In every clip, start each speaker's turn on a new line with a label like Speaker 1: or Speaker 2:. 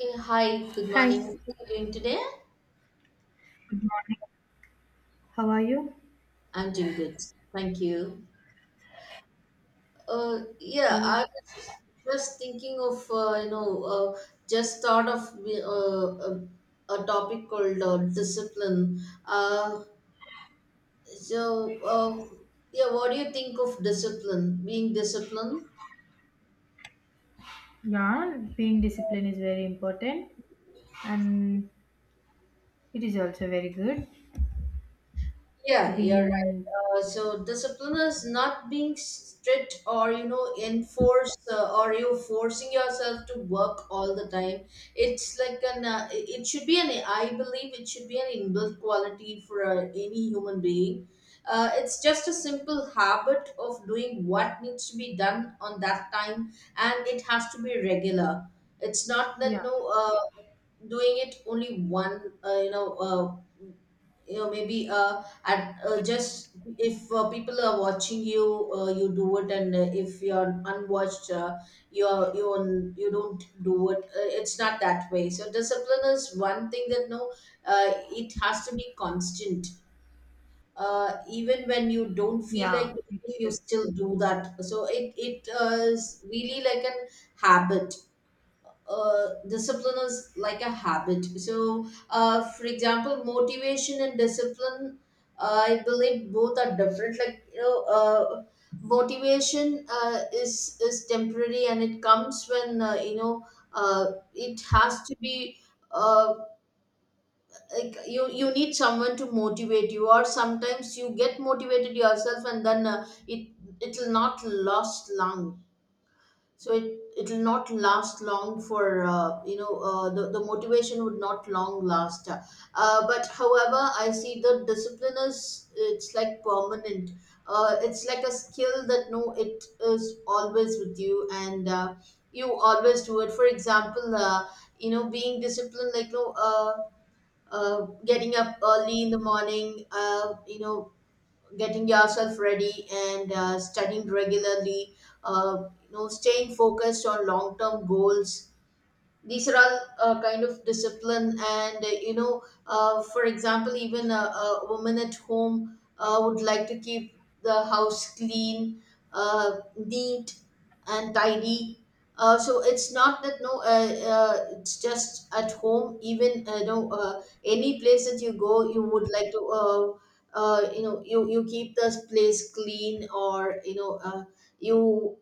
Speaker 1: Hey, hi, good morning. How
Speaker 2: Hi,
Speaker 1: are you doing today?
Speaker 2: good morning. How are you?
Speaker 1: I'm doing good. Thank you. Yeah,
Speaker 2: Okay.
Speaker 1: I was just thinking of, just thought of a topic called discipline. Uh, so, uh, yeah, what do you think of discipline? Being disciplined?
Speaker 2: Yeah, being disciplined is very important and it is also very good to
Speaker 1: Yeah,
Speaker 2: be
Speaker 1: you're right.
Speaker 2: in
Speaker 1: So discipline is not being strict or you know enforce or you forcing yourself to work all the time. It's like an it it should be an I believe it should be an inbuilt quality for any human being. It's just a simple habit of doing what needs to be done on that time, and it has to be regular. It's not that
Speaker 2: yeah,
Speaker 1: no, doing it only one, maybe at, just if people are watching you, you do it, and if you're unwatched, you don't do it, it's not that way. So discipline is one thing that no, uh, it has to be constant, even when you don't feel like
Speaker 2: yeah,
Speaker 1: doing
Speaker 2: it
Speaker 1: it you
Speaker 2: should.
Speaker 1: still do that. So it is really like an habit. Discipline is like a habit. So, for example, motivation and discipline, I believe both are different. Like you know, motivation is temporary and it comes when uh, it has to be. Uh, like you need someone to motivate you, or sometimes you get motivated yourself, and then it it will not last long. So it'll not last long for, the motivation would not long last, but however I see the discipline is it's like permanent. It's like a skill that no, it is always with you, and you always do it. For example, being disciplined like no, getting up early in the morning, getting yourself ready, and studying regularly, staying focused on long term goals. These are all kind of discipline, and for example even a woman at home would like to keep the house clean, neat and tidy. So it's not that no, it's just at home even, no any place that you go you would like to, you keep the place clean, or you know, you,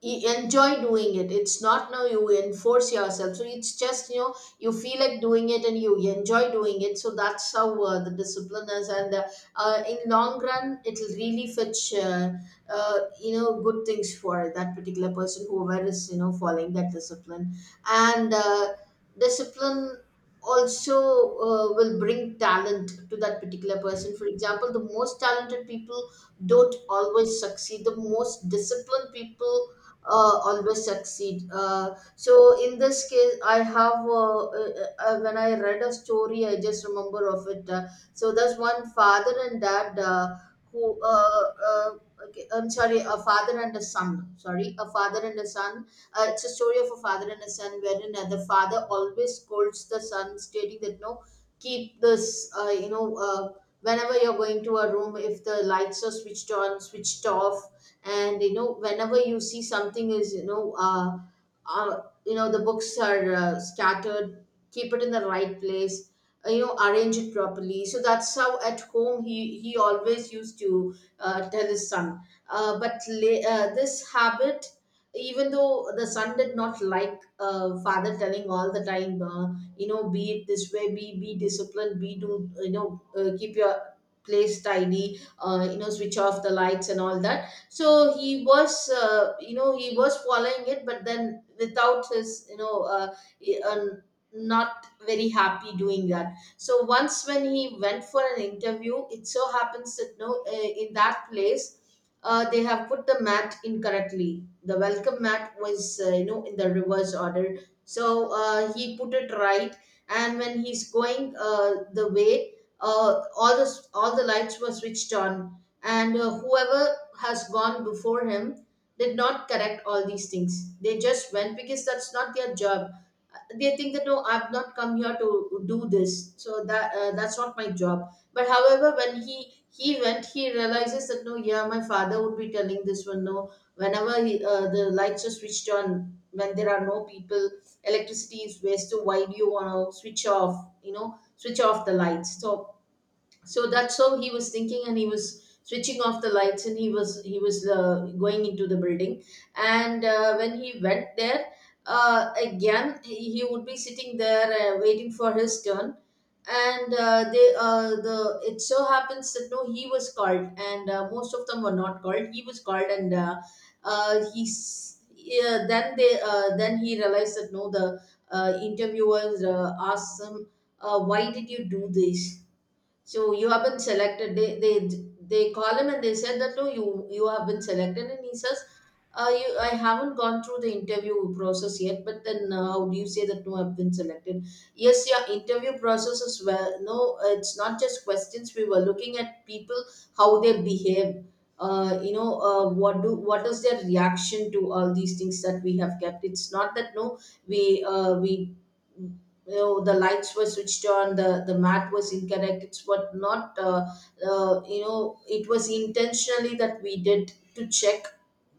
Speaker 1: you enjoy doing it. It's not now you enforce yourself, so it's just you know you feel like doing it and you enjoy doing it. So that's how the discipline is, and in long run it'll really fetch, good things for that particular person whoever is you know following that discipline. And discipline also will bring talent to that particular person. For example, the most talented people don't always succeed, the most disciplined people always succeed. So in this case, I have, when I read a story, I just remember of it. So there's one father and dad, who uh, okay, I'm sorry, a father and a son. Sorry, a father and a son. It's a story of a father and a son, wherein the father always scolds the son, stating that no, keep this. Whenever you're going to a room, if the lights are switched on, switched off, and you know whenever you see something is you know, the books are scattered, keep it in the right place, arrange it properly. So that's how at home he always used to tell his son. This habit, even though the son did not like father telling all the time, be it this way, be disciplined, be do you know keep your place tidy, switch off the lights and all that. So he was, he was following it, but then without his you know, he- uh, not very happy doing that. So once when he went for an interview, it so happens that no, in that place they have put the mat incorrectly, the welcome mat was, in the reverse order. So he put it right, and when he's going the way, all the lights were switched on, and whoever has gone before him did not correct all these things. They just went because that's not their job. They think that no, I've not come here to do this, so that, that's not my job. But however, when he went, he realizes that no, yeah, my father would be telling this one, no. Whenever he, the lights are switched on, when there are no people, electricity is wasted. Why do you want to switch off? You know, switch off the lights. So, so that's how he was thinking, and he was switching off the lights, and he was going into the building. And when he went there, again he would be sitting there waiting for his turn. And the, it so happens that no, he was called, and most of them were not called, he was called. And he's yeah, then they then he realized that no, the interviewers asked him, why did you do this, so you have been selected. They they call him and they said that no, you have been selected. And he says, you, I haven't gone through the interview process yet. But then how do you say that no, I've been selected? Yes, your interview process is well. No, it's not just questions. We were looking at people how they behave. What do, what is their reaction to all these things that we have kept. It's not that no, we, you know, the lights were switched on, the mat was incorrect, it's what not, it was intentionally that we did to check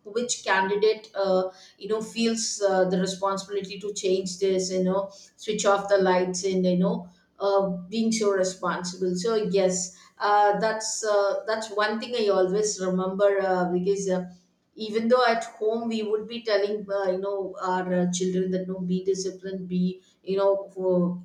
Speaker 1: which candidate, feels the responsibility to change this, you know switch off the lights, and you know, uh, being so responsible. So yes, that's one thing I always remember, because even though at home we would be telling, our children that no be disciplined, be you know,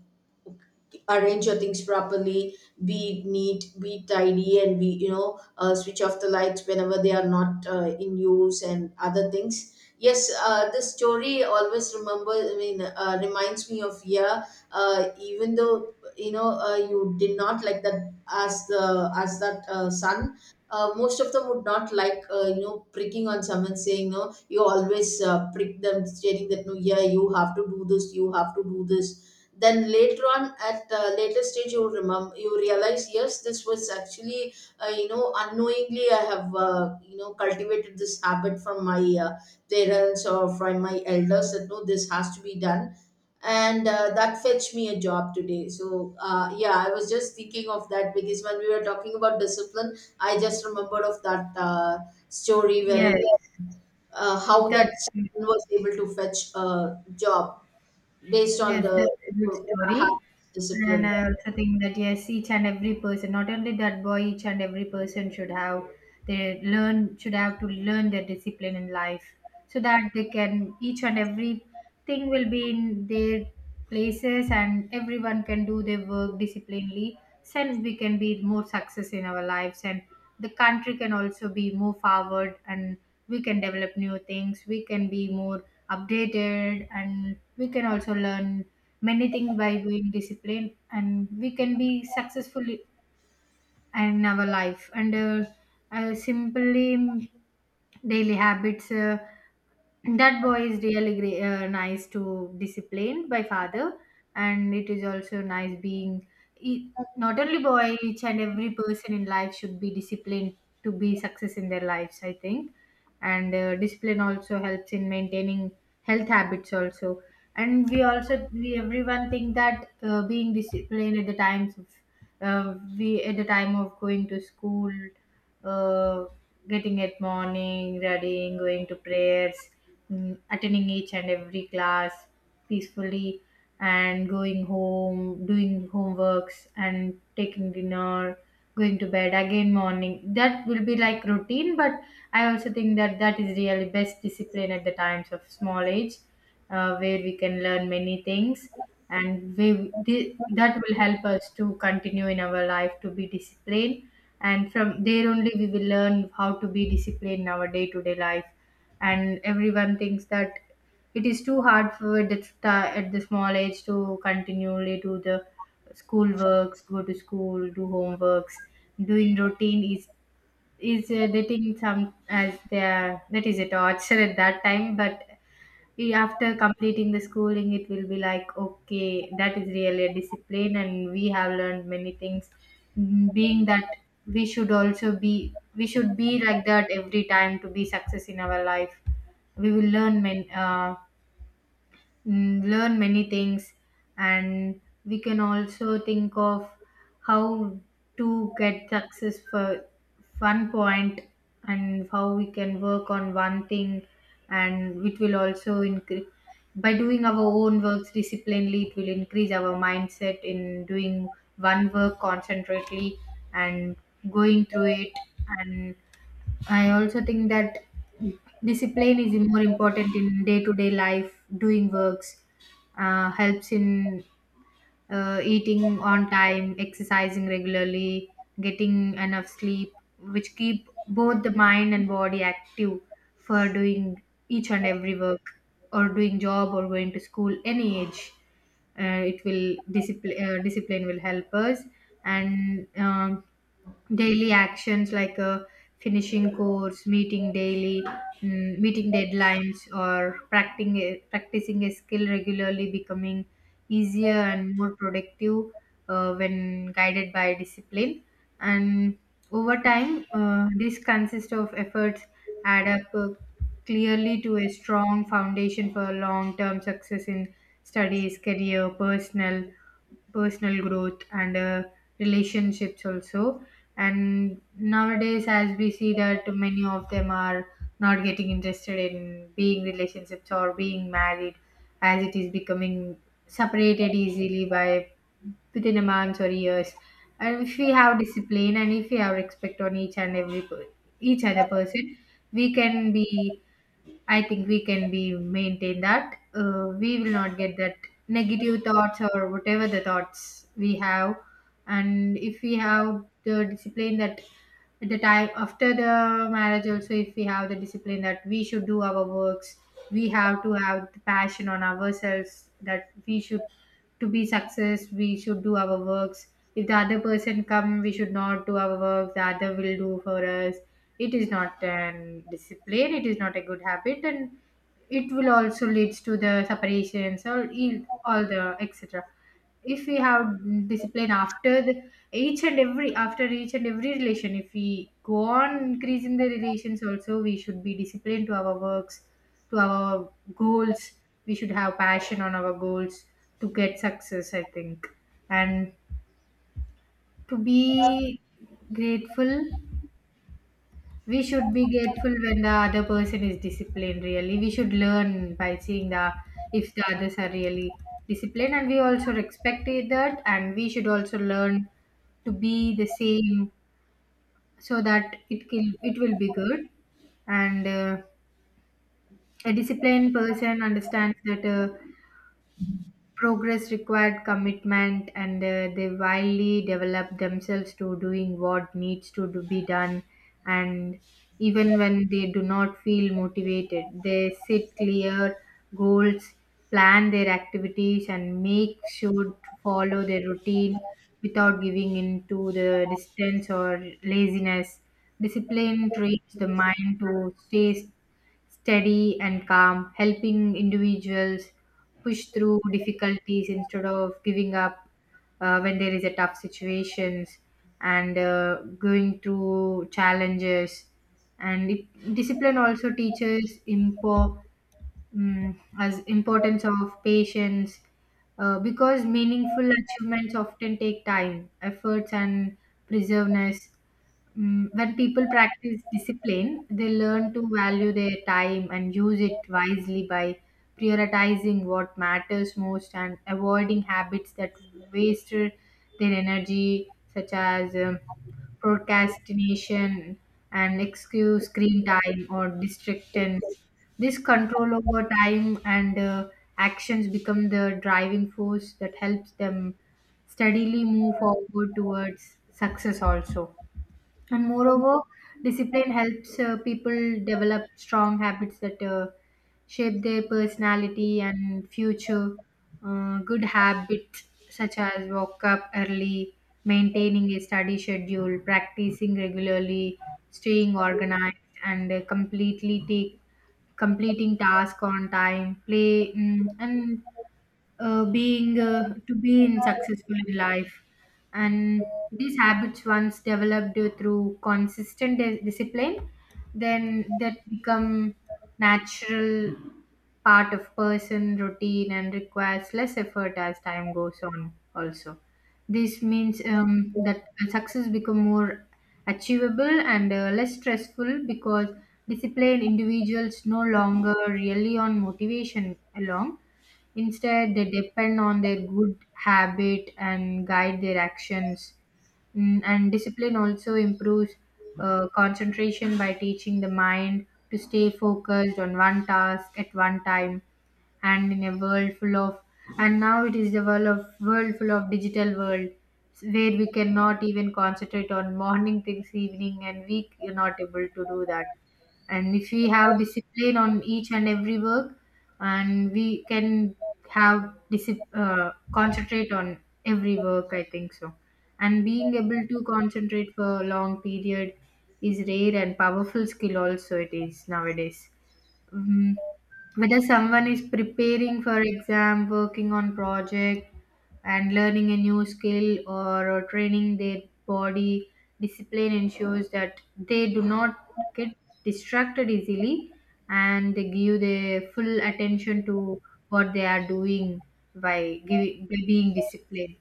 Speaker 1: arrange your things properly, be neat, be tidy, and be you know, switch off the lights whenever they are not in use, and other things. Yes, the story always remember, I mean, reminds me of, yeah, even though you know, you did not like that as the, as that son, most of them would not like, pricking on someone, saying no you always prick them stating that no yeah you have to do this, you have to do this. Then later on at a later stage you remember, you realize, yes this was actually, unknowingly I have, cultivated this habit from my uh, parents or from my elders, that no this has to be done. And that fetched me a job today. So yeah, I was just thinking of that because when we were talking about discipline I just remembered of that story, where
Speaker 2: Yes,
Speaker 1: how that
Speaker 2: that's
Speaker 1: son was able to fetch a job based on
Speaker 2: Yes,
Speaker 1: the
Speaker 2: that's a good
Speaker 1: uh,
Speaker 2: story. And
Speaker 1: discipline.
Speaker 2: I also think that yes, each and every person, not only that boy, each and every person should have they learn should have to learn their discipline in life so that they can each and every thing will be in their places and everyone can do their work disciplinedly. Then we can be more success in our lives and the country can also be more forward and we can develop new things. We can be more updated and we can also learn many things by being disciplined and we can be successful in our life and simply daily habits that boy is really great, nice to disciplined by father and it is also nice being e- not only boy each and every person in life should be disciplined to be success in their lives I think. And discipline also helps in maintaining health habits also. And we also we everyone think that being disciplined at the times of we at the time of going to school, uh, getting at morning, readying, going to prayers, attending each and every class peacefully, and going home, doing homeworks and taking dinner, going to bed, again morning, that will be like routine. But I also think that that is really best discipline at the times of small age, where we can learn many things, and that will help us to continue in our life to be disciplined, and from there only we will learn how to be disciplined in our day-to-day life. And everyone thinks that it is too hard for at the at the small age to continually do the school works, go to school, do homeworks, doing routine is is they think some as their that is a torture at that time, but after completing the schooling it will be like okay, that is really a discipline and we have learned many things. Mm, being that we should also be we should be like that every time to be success in our life. We will learn many learn many things, and we can also think of how to get success for one point and how we can work on one thing, and it will also increase by doing our own works disciplinedly. It will increase our mindset in doing one work concentrately and going through it. And I also think that discipline is more important in day to day life, doing works, helps in eating on time, exercising regularly, getting enough sleep, which keep both the mind and body active for doing each and every work or doing job or going to school any age. It will discipline will help us. And daily actions like finishing course, meeting daily, meeting deadlines or practicing a skill regularly, becoming easier and more productive when guided by discipline. And over time this consists of efforts add up clearly to a strong foundation for long term success in studies, career, personal growth, and relationships also. And nowadays as we see that many of them are not getting interested in being relationships or being married, as it is becoming separated easily by within a month or years. And if we have discipline and if we have respect on each and every each other person, we can be I think we can be maintain that. We will not get that negative thoughts or whatever the thoughts we have, and if we have the discipline that at the time after the marriage also, if we have the discipline that we should do our works, we have to have the passion on ourselves that we should to be success we should do our works. If the other person come we should not do our work the other will do for us, it is not an discipline, it is not a good habit, and it will also leads to the separations or all the etc. If we have discipline after the each and every after each and every relation, if we go on increasing the relations also we should be disciplined to our works, to our goals. We should have passion on our goals to get success I think. And to be grateful, we should be grateful when the other person is disciplined, really we should learn by seeing the if the others are really disciplined and we also respect it that, and we should also learn to be the same so that it can it will be good. And a disciplined person understands that progress required commitment, and they wildly develop themselves to doing what needs to do, be done, and even when they do not feel motivated they set clear goals, plan their activities, and make sure to follow their routine without giving in to the distance or laziness. Discipline trains the mind to stay steady and calm, helping individuals push through difficulties instead of giving up when there is a tough situations and going through challenges. And discipline also teaches as importance of patience because meaningful achievements often take time, efforts, and perseverance. Mm, when people practice discipline, they learn to value their time and use it wisely by prioritizing what matters most and avoiding habits that waste their energy, such as procrastination and excuse screen time or distractions. This control over time and actions become the driving force that helps them steadily move forward towards success also. And moreover, discipline helps people develop strong habits that shape their personality and future. Good habits such as wake up early, maintaining a study schedule, practicing regularly, staying organized, and completely take completing task on time play and being to be in successful in life. And these habits, once developed through consistent discipline, then that become natural part of person routine and requires less effort as time goes on also. This means that success become more achievable and less stressful because disciplined individuals no longer rely on motivation alone. Instead, they depend on their good habit and guide their actions. Mm, and discipline also improves concentration by teaching the mind to stay focused on one task at one time. And in a world full of and now it is the world of world full of digital world where we cannot even concentrate on morning things, evening and week, you are not able to do that. And if we have discipline on each and every work, and we can have concentrate on every work I think so. And being able to concentrate for a long period is rare and powerful skill also it is nowadays. Mhm. Whether someone is preparing for exam, working on project, and learning a new skill, or training their body, discipline ensures that they do not get distracted easily and they give their full attention to what they are doing. By giving by being disciplined,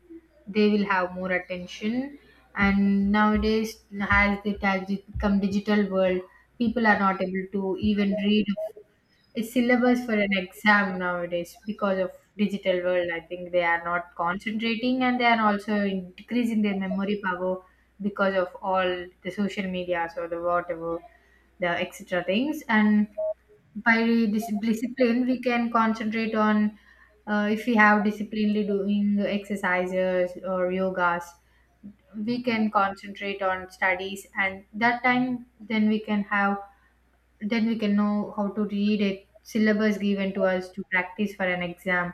Speaker 2: they will have more attention. And nowadays, as it has become digital world, people are not able to even read it's syllabus for an exam nowadays because of digital world. I think they are not concentrating and they are also increasing their memory power because of all the social media or the whatever the extra things. And by discipline, we can concentrate on if we have disciplinely doing exercises or yogas we can concentrate on studies, and that time then we can have then we can know how to read it syllabus given to us to practice for an exam,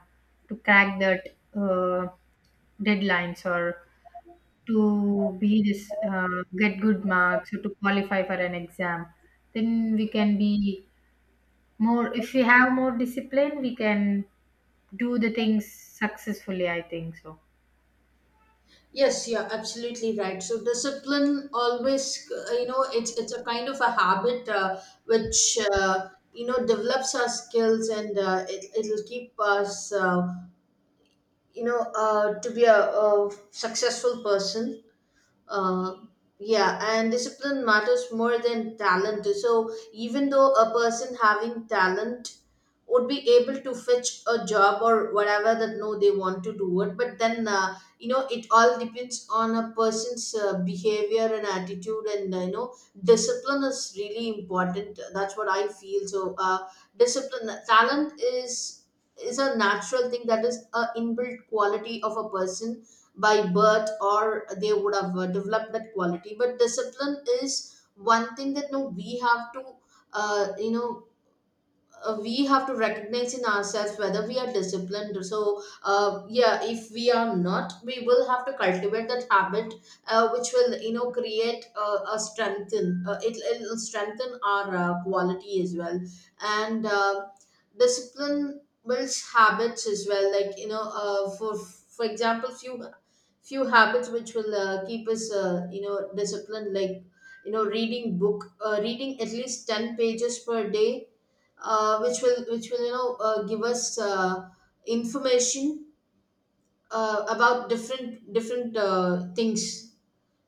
Speaker 2: to crack that uh, deadlines, or to be this get good marks or to qualify for an exam. Then we can be more, if we have more discipline we can do the things successfully I think so.
Speaker 1: Yes, yeah, absolutely right. So discipline always, it's a kind of a habit which develops our skills, and it it'll keep us, to be a successful person. uh, yeah, and discipline matters more than talent. So even though a person having talent would be able to fetch a job or whatever that no they want to do it, but then it all depends on a person's behavior and attitude, and discipline is really important. That's what I feel. So discipline, talent is a natural thing. That is a inbuilt quality of a person by birth, or they would have developed that quality. But discipline is one thing that no we have to uh, you know we have to recognize in ourselves whether we are disciplined. So yeah, if we are not, we will have to cultivate that habit which will, you know, create a strengthen will strengthen our quality as well. And discipline builds habits as well, like you know, for example, few few habits which will keep us, you know, disciplined, like you know, reading book, reading at least 10 pages per day, which will, you know, give us information about different different things.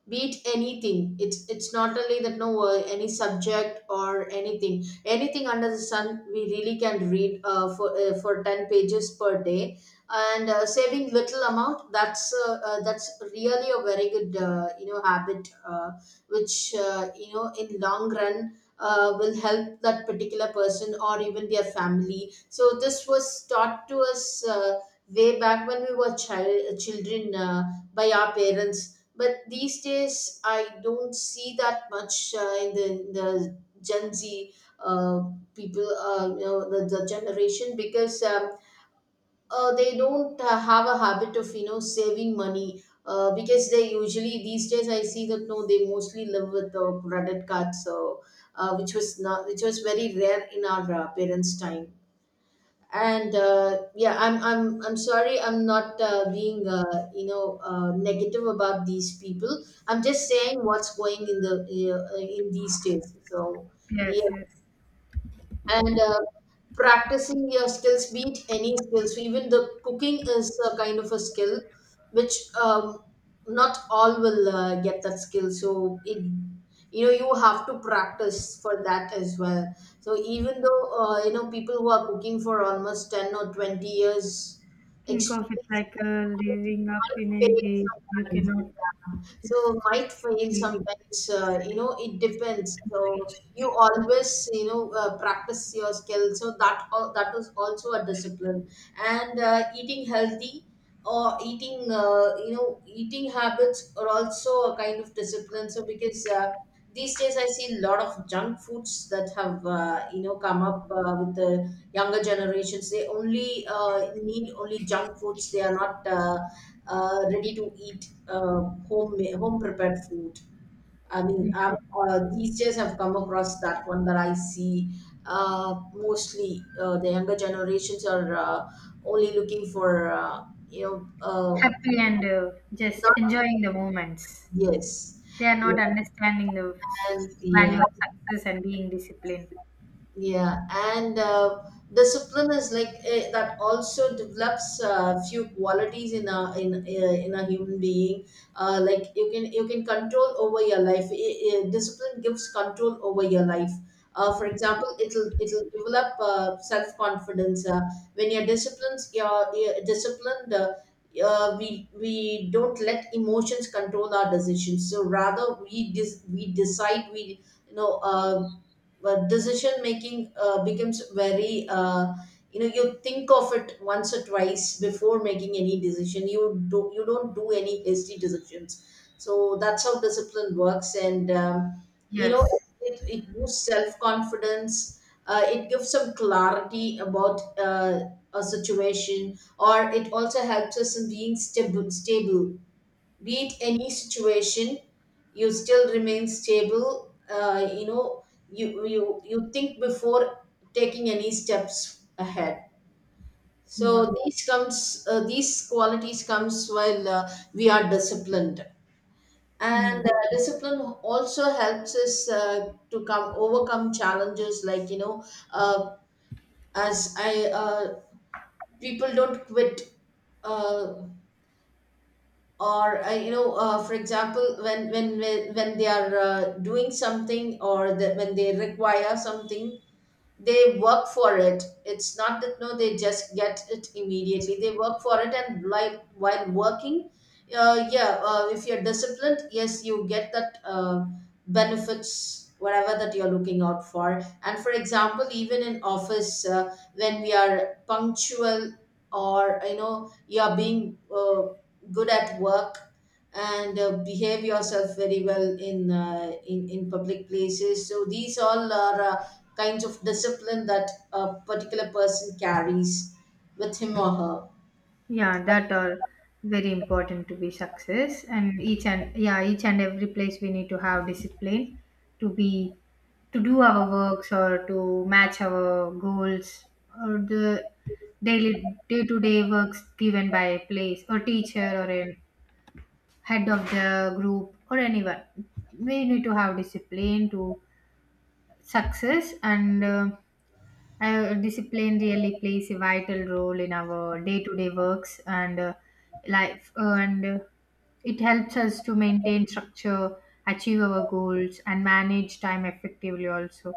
Speaker 1: Be it anything, it's not only that, no, any subject or anything, anything under the sun, we really can read for 10 pages per day. And saving little amount, that's really a very good, you know, habit which, you know, in long run will help that particular person or even their family. So this was taught to us way back when we were children, by our parents. But these days I don't see that much in in the Gen Z uh, people, you know, the generation, because they don't have a habit of, you know, saving money. Because they usually these days, I see that no, they mostly live with the credit cards. So which was not which was very rare in our parents' time. And yeah, I'm sorry, I'm not being, you know, negative about these people. I'm just saying what's going in the in these days. So
Speaker 2: Yes,
Speaker 1: yeah.
Speaker 2: yes.
Speaker 1: And practicing your skills, be it any skills, even the cooking is a kind of a skill which um, not all will get that skill. So it, you know, you have to practice for that as well. So even though you know, people who are cooking for almost 10 or 20 years
Speaker 2: Think of it
Speaker 1: experience
Speaker 2: like
Speaker 1: might,
Speaker 2: living up
Speaker 1: might
Speaker 2: in a
Speaker 1: fail
Speaker 2: game, you
Speaker 1: sometimes.
Speaker 2: cannot
Speaker 1: So
Speaker 2: just
Speaker 1: might
Speaker 2: keep
Speaker 1: fail
Speaker 2: feeling
Speaker 1: sometimes,
Speaker 2: this,
Speaker 1: you know, it
Speaker 2: expect
Speaker 1: depends.
Speaker 2: to
Speaker 1: So
Speaker 2: reach.
Speaker 1: you always, you know, practice your skill, so that that is also a discipline. And eating healthy or eating, you know, eating habits are also a kind of discipline. So because these days I see a lot of junk foods that have, you know, come up with the younger generations. They only need only junk foods. They are not ready to eat, home home prepared food, I mean.
Speaker 2: Yeah.
Speaker 1: These days I've come across that one, that I see mostly the younger generations are, only looking for, you know,
Speaker 2: Happy and just
Speaker 1: not,
Speaker 2: enjoying the moments.
Speaker 1: yes.
Speaker 2: They are not understanding the
Speaker 1: And yeah,
Speaker 2: value of success and being disciplined.
Speaker 1: yeah, and discipline is like, that also develops few qualities in a in a human being. Like you can, you can control over your life. Discipline gives control over your life. For example, it'll develop self confidence. When you're disciplined, you're disciplined. We don't let emotions control our decisions. So rather, we decide, we you know but decision making becomes very, you know, you think of it once or twice before making any decision. You do you don't do any hasty decisions. So that's how discipline works. And you know,
Speaker 2: Yes.
Speaker 1: it boosts self-confidence. It gives some clarity about a situation, or it also helps us in being stable beat any situation. You still remain stable, you know, you you think before taking any steps ahead. So
Speaker 2: Yeah.
Speaker 1: these comes, these qualities comes while we are disciplined. And
Speaker 2: Mm.
Speaker 1: discipline also helps us to come overcome challenges, like you know, uh, as I people don't quit. Uh, or You know, for example, when when they are doing something, or when they require something, they work for it. It's not that no, they just get it immediately. They work for it, and like while working, yeah, if you're disciplined, yes, you get that, benefits whatever that you're looking out for. And for example, even in office, when we are punctual, or you know, you are being, good at work, and behave yourself very well in in public places. So these all are kinds of discipline that a particular person carries with him or her.
Speaker 2: Yeah, that are very important to be success and each and yeah, each and every place we need to have discipline to be to do our works or to match our goals or the daily day to day works given by a place or teacher or a head of the group or anyone. We need to have discipline to success. And discipline really plays a vital role in our day-to-day works and life, and it helps us to maintain structure, achieve our goals, and manage time effectively. Also,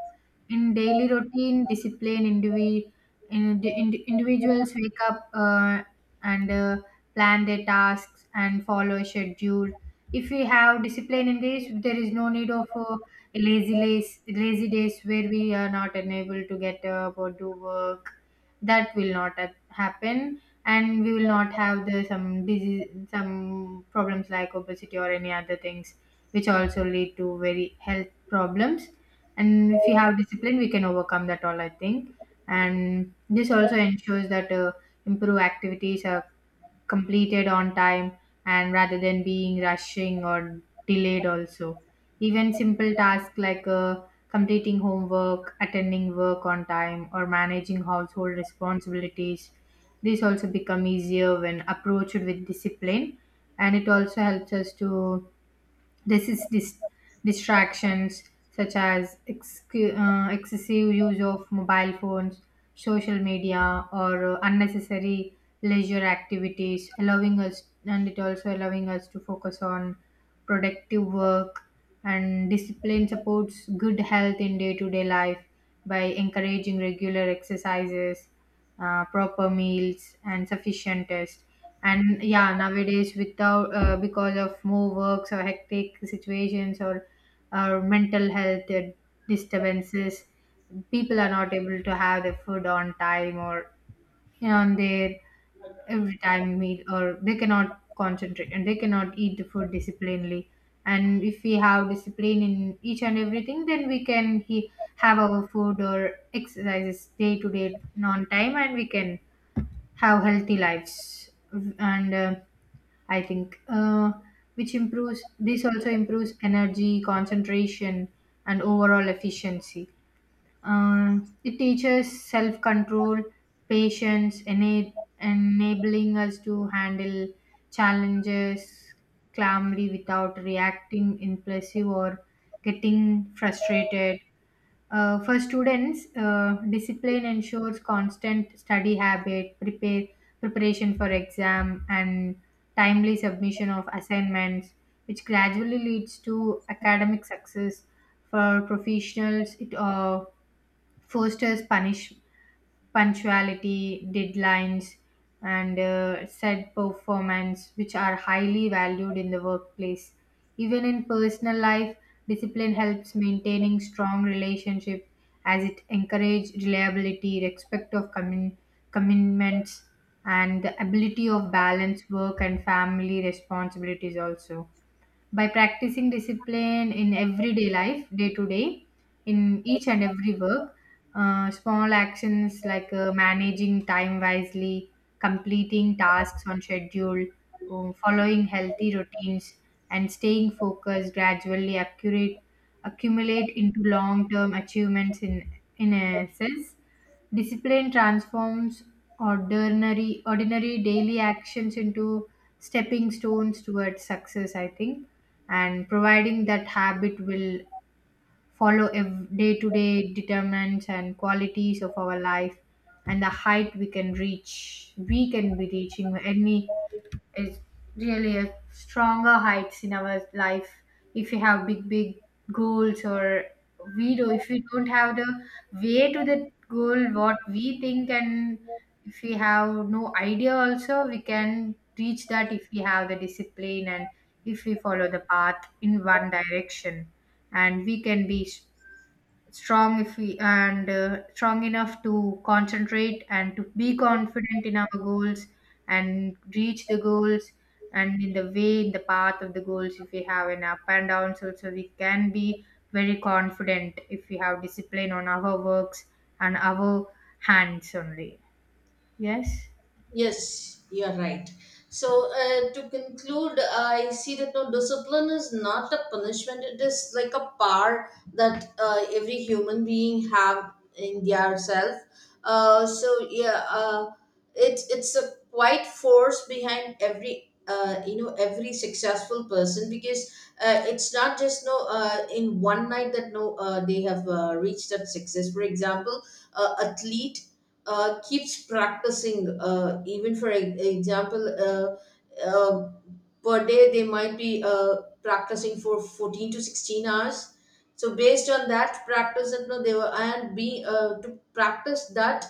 Speaker 2: in daily routine, individuals wake up and plan their tasks and follow a schedule. If we have discipline in this, there is no need of lazy days where we are not unable to get up or do work. That will not happen, and we will not have the some disease, some problems like obesity or any other things, which also lead to very health problems. And if we have discipline, we can overcome that all, I think. And this also ensures that improve activities are completed on time and rather than being rushing or delayed also, even simple tasks like completing homework, attending work on time, or managing household responsibilities, these also become easier when approached with discipline. And it also helps us to, this is dis- distractions such as excessive use of mobile phones, social media, or unnecessary leisure activities, allowing us, and it also allowing us to focus on productive work. And discipline supports good health in day-to-day life by encouraging regular exercises, proper meals, and sufficient rest. And yeah, nowadays without because of more works or hectic situations or mental health disturbances, people are not able to have their food on time or, on their every time meal, or they cannot concentrate and they cannot eat the food disciplinedly. And if we have discipline in each and everything, then we can he have our food or exercises day to day on time, and we can have healthy lives. And I think, which improves, this also improves energy, concentration, and overall efficiency. It teaches self control, patience, enabling us to handle challenges calmly without reacting impulsive or getting frustrated. For students, discipline ensures constant study habit, prepare preparation for exam, and timely submission of assignments, which gradually leads to academic success. For professionals, it fosters punish punctuality, deadlines, and said performance, which are highly valued in the workplace. Even in personal life, discipline helps maintaining strong relationships, as it encourages reliability, respect of commitments, and the ability of balance work and family responsibilities also. By practicing discipline in everyday life, day to day, in each and every work, small actions like managing time wisely, completing tasks on schedule, following healthy routines, and staying focused gradually accurate accumulate into long-term achievements. In essence, discipline transforms ordinary daily actions into stepping stones towards success, I think. And providing that habit will follow day to day determinants and qualities of our life, and the height we can reach, we can be reaching any, is really a stronger heights in our life. If you have big goals, or we do, if we don't have the way to that goal what we think, and if we have no idea also, we can reach that if we have the discipline. And if we follow the path in one direction, and we can be strong if we, and strong enough to concentrate and to be confident in our goals and reach the goals. And in the way, in the path of the goals, if we have an up and downs also, we can be very confident if we have discipline on our works and our hands only. Yes.
Speaker 1: Yes, you're right. So, to conclude, I see that no discipline is not a punishment. It is like a power that every human being have in their self. So yeah, it's a quite force behind every, you know, every successful person, because it's not just no, in one night that no they have reached that success. For example, athlete keeps practicing, even for example, per day they might be practicing for 14 to 16 hours. So based on that practice, you know, they were and be to practice that.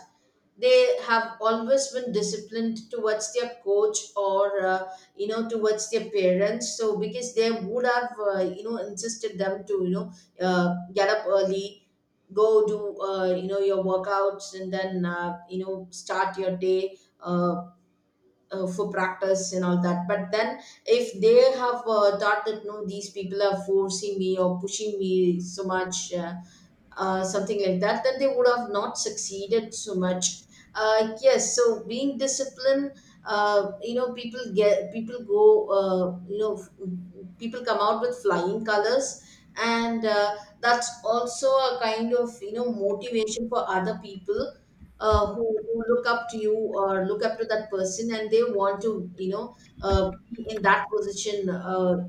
Speaker 1: They have always been disciplined towards their coach, or you know, towards their parents. So because they would have, you know, insisted them to, you know, get up early, go do, you know, your workouts, and then you know, start your day for practice and all that. But then if they have thought that no, these people are forcing me or pushing me so much something like that, then they would have not succeeded so much. Yes, so being disciplined, you know, people go, you know, people come out with flying colors. And that's also a kind of, you know, motivation for other people. Who look up to you, or look up to that person, and they want to, you know, be in that position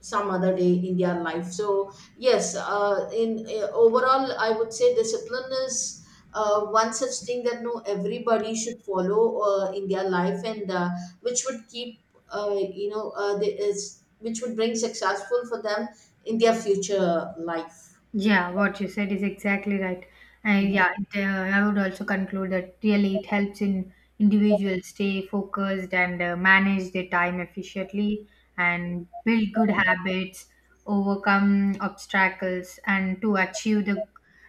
Speaker 1: some other day in their life. So yes, in overall I would say discipline is one such thing that no everybody should follow in their life, and which would keep which would bring successful for them in their future life.
Speaker 2: Yeah, what you said is exactly right. And yeah, it, I would also conclude that really it helps in individuals stay focused and manage their time efficiently and build good habits, overcome obstacles, and to achieve the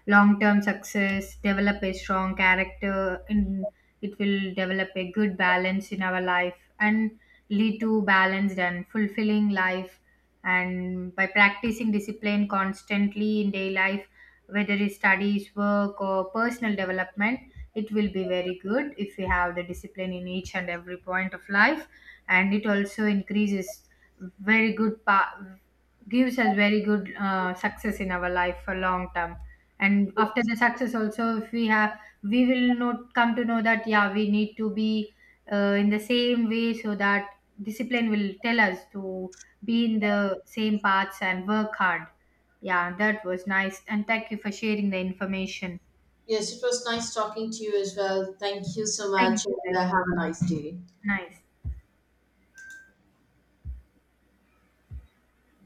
Speaker 2: long-term success, develop a strong character, and it will develop a good balance in our life and lead to balanced and fulfilling life. And by practicing discipline constantly in daily life, whether it's studies, work, or personal development, it will be very good if we have the discipline in each and every point of life. And it also increases very good gives us very good success in our life for long term. And after the success also, if we have, we will not come to know that yeah we need to be in the same way, so that discipline will tell us to be in the same paths and work hard. Yeah, that was nice. And thank you for sharing the information.
Speaker 1: Yes, it was nice talking to you as well. Thank you so
Speaker 2: Thank you.
Speaker 1: much, and
Speaker 2: Thank you.
Speaker 1: have a nice day.
Speaker 2: Nice.